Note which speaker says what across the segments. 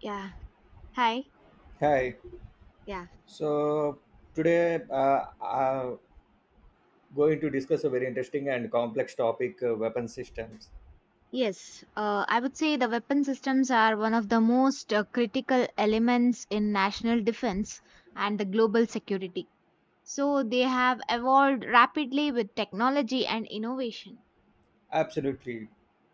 Speaker 1: Yeah. Hi.
Speaker 2: Hi.
Speaker 1: Yeah.
Speaker 2: So today I'm going to discuss a very interesting and complex topic: weapon systems.
Speaker 1: Yes. I would say the weapon systems are one of the most critical elements in national defense and the global security. So they have evolved rapidly with technology and innovation.
Speaker 2: Absolutely.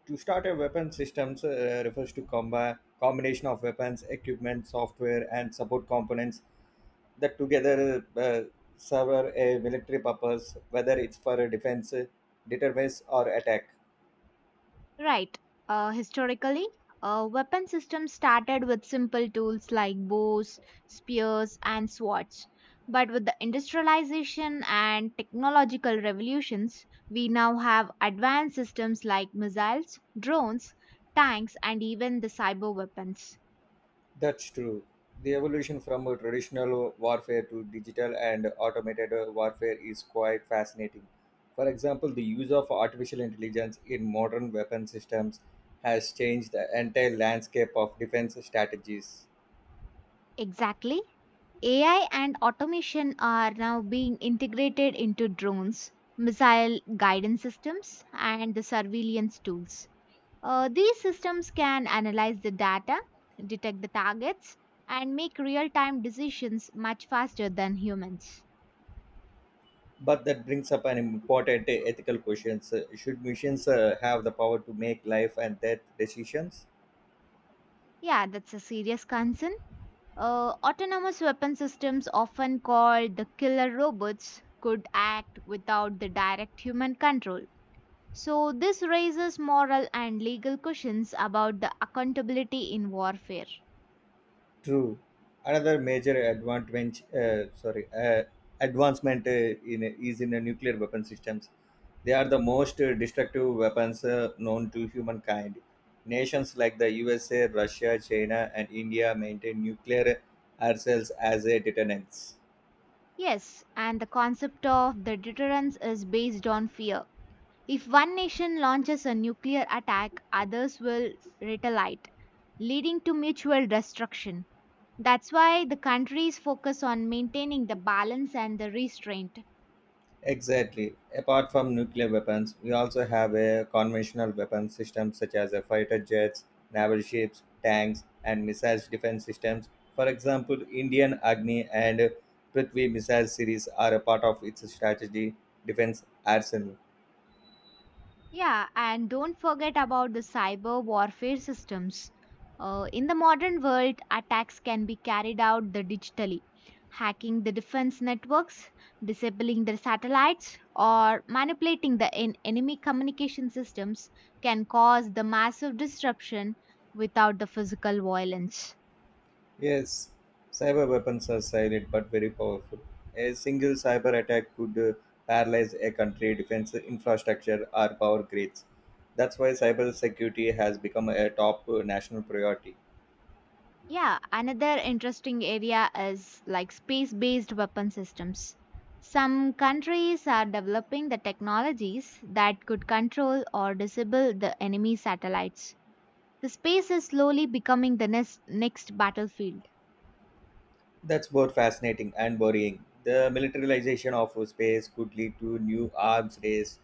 Speaker 2: To start a weapon systems refers to combination of weapons, equipment, software, and support components that together serve a military purpose, whether it's for a defense, deterrence, or attack.
Speaker 1: Right. Historically, weapon systems started with simple tools like bows, spears, and swords. But with the industrialization and technological revolutions, we now have advanced systems like missiles, drones, tanks, and even the cyber weapons.
Speaker 2: That's true. The evolution from a traditional warfare to digital and automated warfare is quite fascinating. For example, the use of artificial intelligence in modern weapon systems has changed the entire landscape of defense strategies.
Speaker 1: Exactly. AI and automation are now being integrated into drones, missile guidance systems, and the surveillance tools. These systems can analyze the data, detect the targets, and make real time decisions much faster than humans.
Speaker 2: But that brings up an important ethical question. So, should machines have the power to make life and death decisions?
Speaker 1: Yeah, that's a serious concern. Autonomous weapon systems, often called the killer robots, could act without the direct human control. So, this raises moral and legal questions about the accountability in warfare.
Speaker 2: True. Another major advantage, advancement in is in nuclear weapon systems. They are the most destructive weapons known to humankind. Nations like the USA, Russia, China, and India maintain nuclear arsenals as a deterrence.
Speaker 1: Yes, and the concept of the deterrence is based on fear. If one nation launches a nuclear attack, others will retaliate, leading to mutual destruction. That's why the countries focus on maintaining the balance and the restraint.
Speaker 2: Exactly. Apart from nuclear weapons, we also have a conventional weapon system such as fighter jets, naval ships, tanks, and missile defense systems. For example, Indian Agni and Prithvi missile series are a part of its strategy defense arsenal.
Speaker 1: Yeah, and don't forget about the cyber warfare systems. In the modern world, attacks can be carried out the digitally, hacking the defense networks, disabling their satellites, or manipulating the enemy communication systems can cause the massive disruption without the physical violence.
Speaker 2: Yes, cyber weapons are silent but very powerful. A single cyber attack could paralyze a country, defense infrastructure, or power grids. That's why cyber security has become a top national priority.
Speaker 1: Yeah, another interesting area is like space based weapon systems. Some countries are developing the technologies that could control or disable the enemy satellites. The space is slowly becoming the next battlefield.
Speaker 2: That's both fascinating and worrying. The militarization of space could lead to new arms race.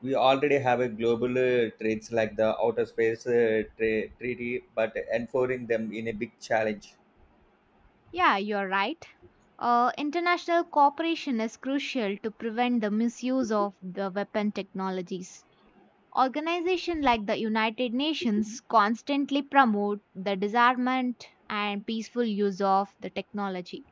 Speaker 2: We already have a global trades like the outer space treaty, but enforcing them in a big challenge.
Speaker 1: Yeah, you're right. International cooperation is crucial to prevent the misuse of the weapon technologies. Organizations like the United Nations constantly promote the disarmament and peaceful use of the technology.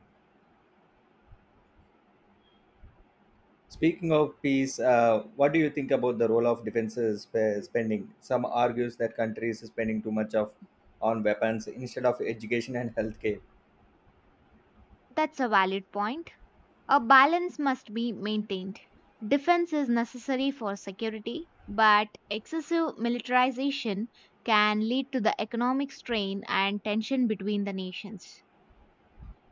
Speaker 2: Speaking of peace, what do you think about the role of defense spending? Some argues that countries is spending too much of on weapons instead of education and healthcare.
Speaker 1: That's a valid point. A balance must be maintained. Defense is necessary for security, but excessive militarization can lead to the economic strain and tension between the nations.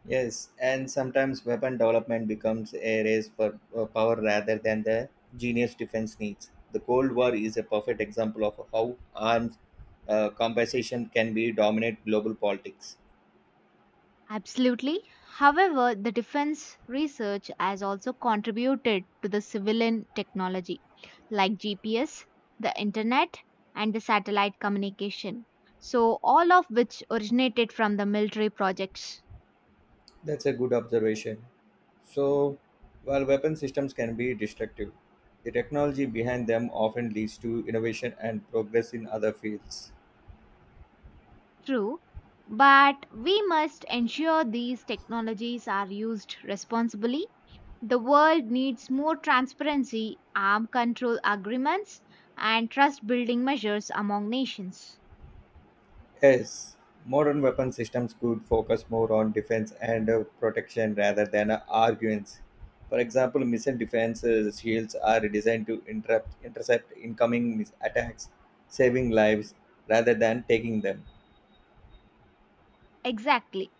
Speaker 2: Yes, and sometimes weapon development becomes a race for power rather than the genius defense needs. The Cold War is a perfect example of how arms compensation can be dominate global politics.
Speaker 1: Absolutely. However, the defense research has also contributed to the civilian technology like GPS, the internet, and the satellite communication. So, all of which originated from the military projects.
Speaker 2: That's a good observation. So, while weapon systems can be destructive, the technology behind them often leads to innovation and progress in other fields.
Speaker 1: True. But we must ensure these technologies are used responsibly. The world needs more transparency, arm control agreements, and trust building measures among nations.
Speaker 2: Yes, modern weapon systems could focus more on defense and protection rather than arguments. For example, missile defense shields are designed to interrupt, intercept incoming attacks, saving lives rather than taking them.
Speaker 1: Exactly.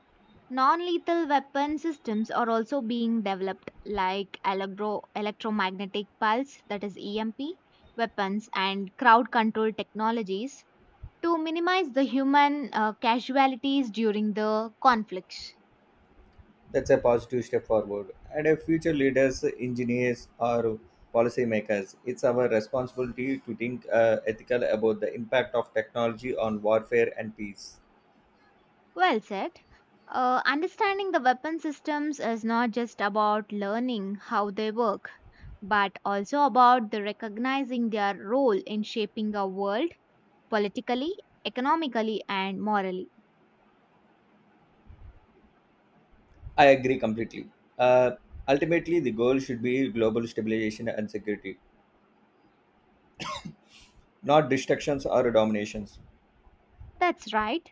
Speaker 1: Non-lethal weapon systems are also being developed like electromagnetic pulse, that is EMP weapons, and crowd control technologies to minimize the human casualties during the conflicts.
Speaker 2: That's a positive step forward. And if future leaders, engineers, or policymakers, it's our responsibility to think ethical about the impact of technology on warfare and peace.
Speaker 1: Well said. Understanding the weapon systems is not just about learning how they work, but also about the recognizing their role in shaping our world politically, economically, and morally.
Speaker 2: I agree completely. Uh, ultimately, the goal should be global stabilization and security, not destructions or dominations.
Speaker 1: That's right.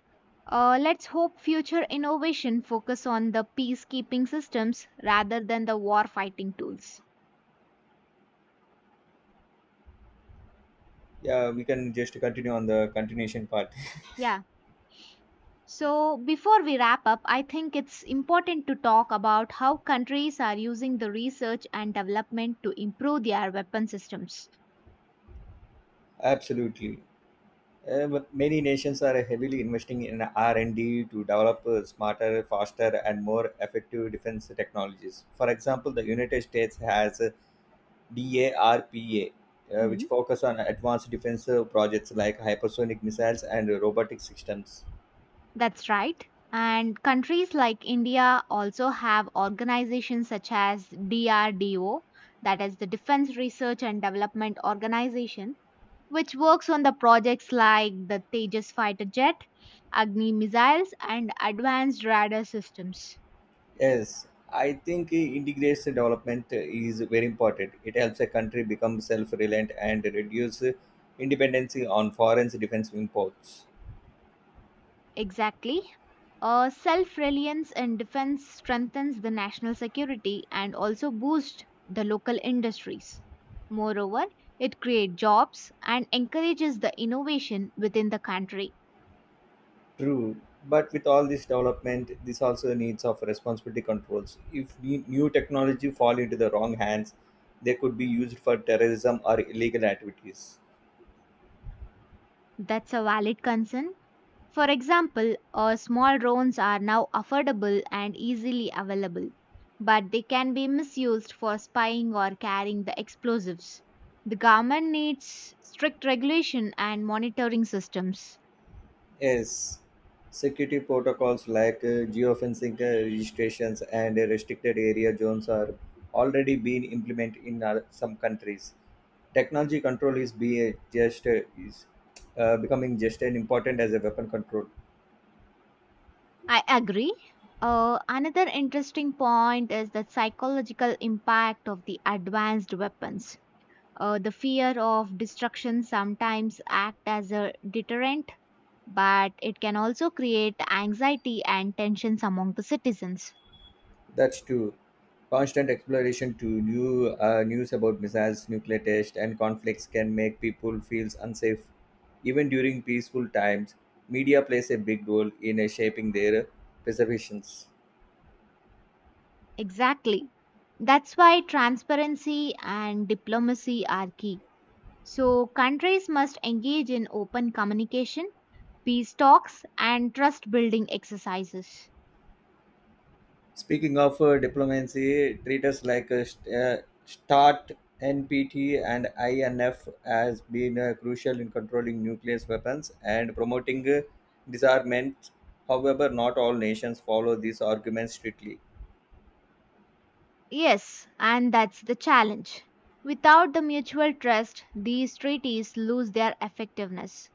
Speaker 1: Let's hope future innovation focus on the peacekeeping systems rather than the war fighting tools.
Speaker 2: Yeah, we can just continue on the continuation part.
Speaker 1: Yeah. So before we wrap up, I think it's important to talk about how countries are using the research and development to improve their weapon systems.
Speaker 2: Absolutely. But many nations are heavily investing in R&D to develop smarter, faster, and more effective defense technologies. For example, the United States has DARPA, which
Speaker 1: Hmm.
Speaker 2: focus on advanced defense projects like hypersonic missiles and robotic systems.
Speaker 1: That's right. And countries like India also have organizations such as DRDO, that is the Defense Research and Development Organization, which works on the projects like the Tejas fighter jet, Agni missiles, and advanced radar systems.
Speaker 2: Yes, I think integrates development is very important. It helps a country become self-reliant and reduce dependency on foreign defense imports.
Speaker 1: Exactly. Self reliance in defense strengthens the national security and also boosts the local industries. Moreover, it creates jobs and encourages the innovation within the country.
Speaker 2: True, but with all this development, this also needs of responsibility controls. If new technology fall into the wrong hands, they could be used for terrorism or illegal activities.
Speaker 1: That's a valid concern. For example, small drones are now affordable and easily available, but they can be misused for spying or carrying the explosives. The government needs strict regulation and monitoring systems.
Speaker 2: Yes, security protocols like geofencing registrations and restricted area zones are already being implemented in some countries. Technology control is be just is becoming just as important as a weapon control.
Speaker 1: I agree. Another interesting point is the psychological impact of the advanced weapons. The fear of destruction sometimes act as a deterrent, but it can also create anxiety and tensions among the citizens.
Speaker 2: That's true. Constant exploration to new news about missiles, nuclear tests, and conflicts can make people feel unsafe. Even during peaceful times, media plays a big role in shaping their perceptions.
Speaker 1: Exactly. That's why transparency and diplomacy are key. So, countries must engage in open communication, peace talks, and trust building exercises.
Speaker 2: Speaking of diplomacy, treaters like START, NPT, and INF has been crucial in controlling nuclear weapons and promoting disarmament. However, not all nations follow these arguments strictly.
Speaker 1: Yes, and that's the challenge. Without the mutual trust, these treaties lose their effectiveness.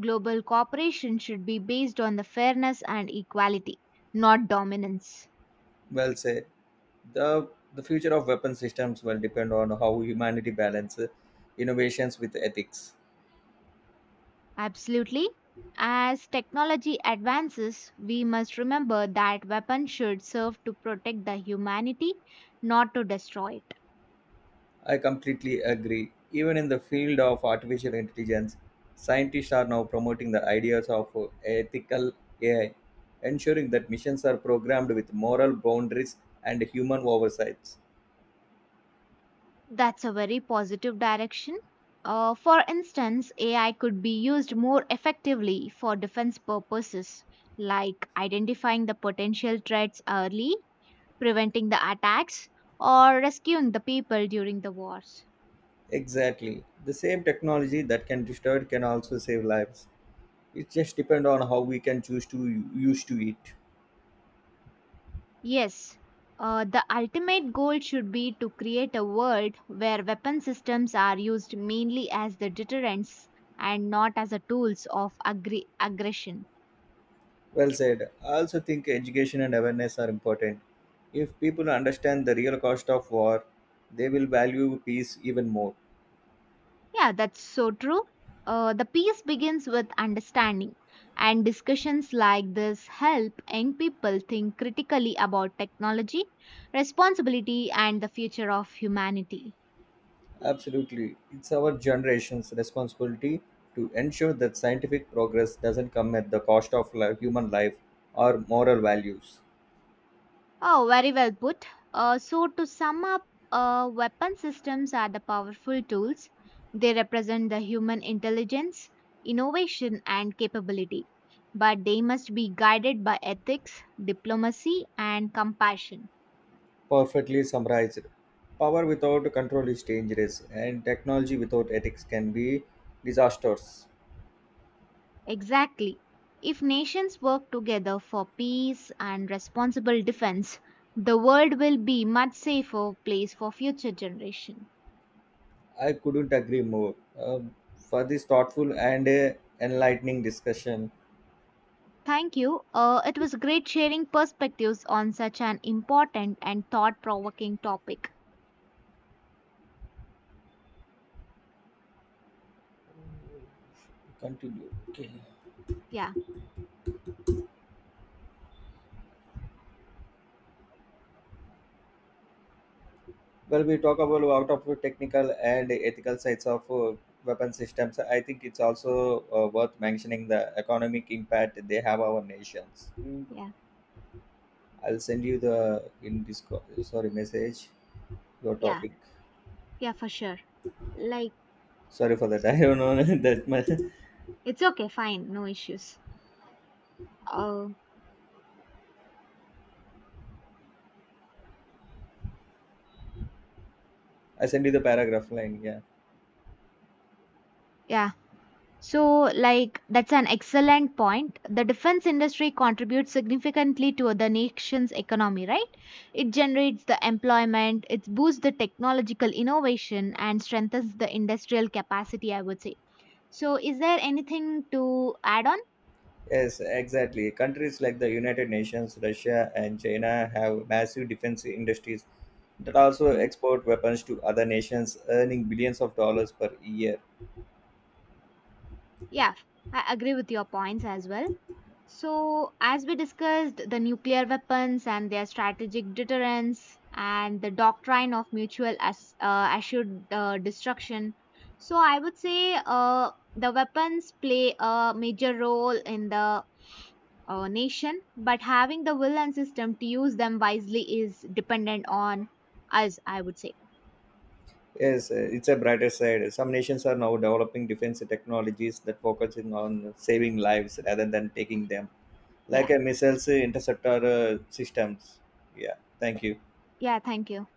Speaker 1: Global cooperation should be based on the fairness and equality, not dominance.
Speaker 2: Well said. the the future of weapon systems will depend on how humanity balances innovations with ethics.
Speaker 1: Absolutely. As technology advances, we must remember that weapons should serve to protect the humanity, not to destroy it.
Speaker 2: I completely agree. Even in the field of artificial intelligence, scientists are now promoting the ideas of ethical AI, ensuring that missions are programmed with moral boundaries and human oversights.
Speaker 1: That's a very positive direction. For instance, AI could be used more effectively for defense purposes, like identifying the potential threats early, preventing the attacks, or rescuing the people during the wars.
Speaker 2: Exactly, the same technology that can destroy it can also save lives. It just depends on how we can choose to use to it.
Speaker 1: Yes, the ultimate goal should be to create a world where weapon systems are used mainly as the deterrents and not as the tools of aggression.
Speaker 2: Well said. I also think education and awareness are important. If people understand the real cost of war, they will value peace even more.
Speaker 1: Yeah, that's so true. The peace begins with understanding, and discussions like this help young people think critically about technology, responsibility, and the future of humanity.
Speaker 2: Absolutely. It's our generation's responsibility to ensure that scientific progress doesn't come at the cost of human life or moral values.
Speaker 1: Oh, very well put. So, to sum up, weapon systems are the powerful tools. They represent the human intelligence, innovation, and capability. But they must be guided by ethics, diplomacy, and compassion.
Speaker 2: Perfectly summarized. Power without control is dangerous, and technology without ethics can be disastrous.
Speaker 1: Exactly. If nations work together for peace and responsible defense, the world will be much safer place for future generations.
Speaker 2: I couldn't agree more. For this thoughtful and enlightening discussion,
Speaker 1: Thank you. It was great sharing perspectives on such an important and thought provoking topic.
Speaker 2: continue. Okay.
Speaker 1: Yeah,
Speaker 2: Well, we talk about out of the technical and ethical sides of weapon systems. I think it's also worth mentioning the economic impact they have our nations.
Speaker 1: yeah,
Speaker 2: I'll send you the in Discord. Sorry, message your
Speaker 1: yeah,
Speaker 2: topic.
Speaker 1: yeah, for sure. Like,
Speaker 2: Sorry for that. I don't know that much.
Speaker 1: it's okay, fine, no issues. Oh,
Speaker 2: I send you the paragraph line. Yeah.
Speaker 1: yeah. So, like, that's an excellent point. The defense industry contributes significantly to the nation's economy, right? It generates the employment, it boosts the technological innovation, and strengthens the industrial capacity, I would say. So, is there anything to add on?
Speaker 2: Yes, exactly. Countries like the United Nations, Russia, and China have massive defense industries that also
Speaker 1: Mhm.
Speaker 2: export weapons to other nations, earning billions of dollars per year.
Speaker 1: Yeah, I agree with your points as well. So, as we discussed, the nuclear weapons and their strategic deterrence and the doctrine of mutual assured destruction. So, I would say the weapons play a major role in the nation, but having the will and system to use them wisely is dependent on us, I would say.
Speaker 2: Yes, it's a brighter side. Some nations are now developing defense technologies that focus in on saving lives rather than taking them, like
Speaker 1: Yeah.
Speaker 2: a missiles interceptor systems. Yeah, thank you.
Speaker 1: Yeah, thank you.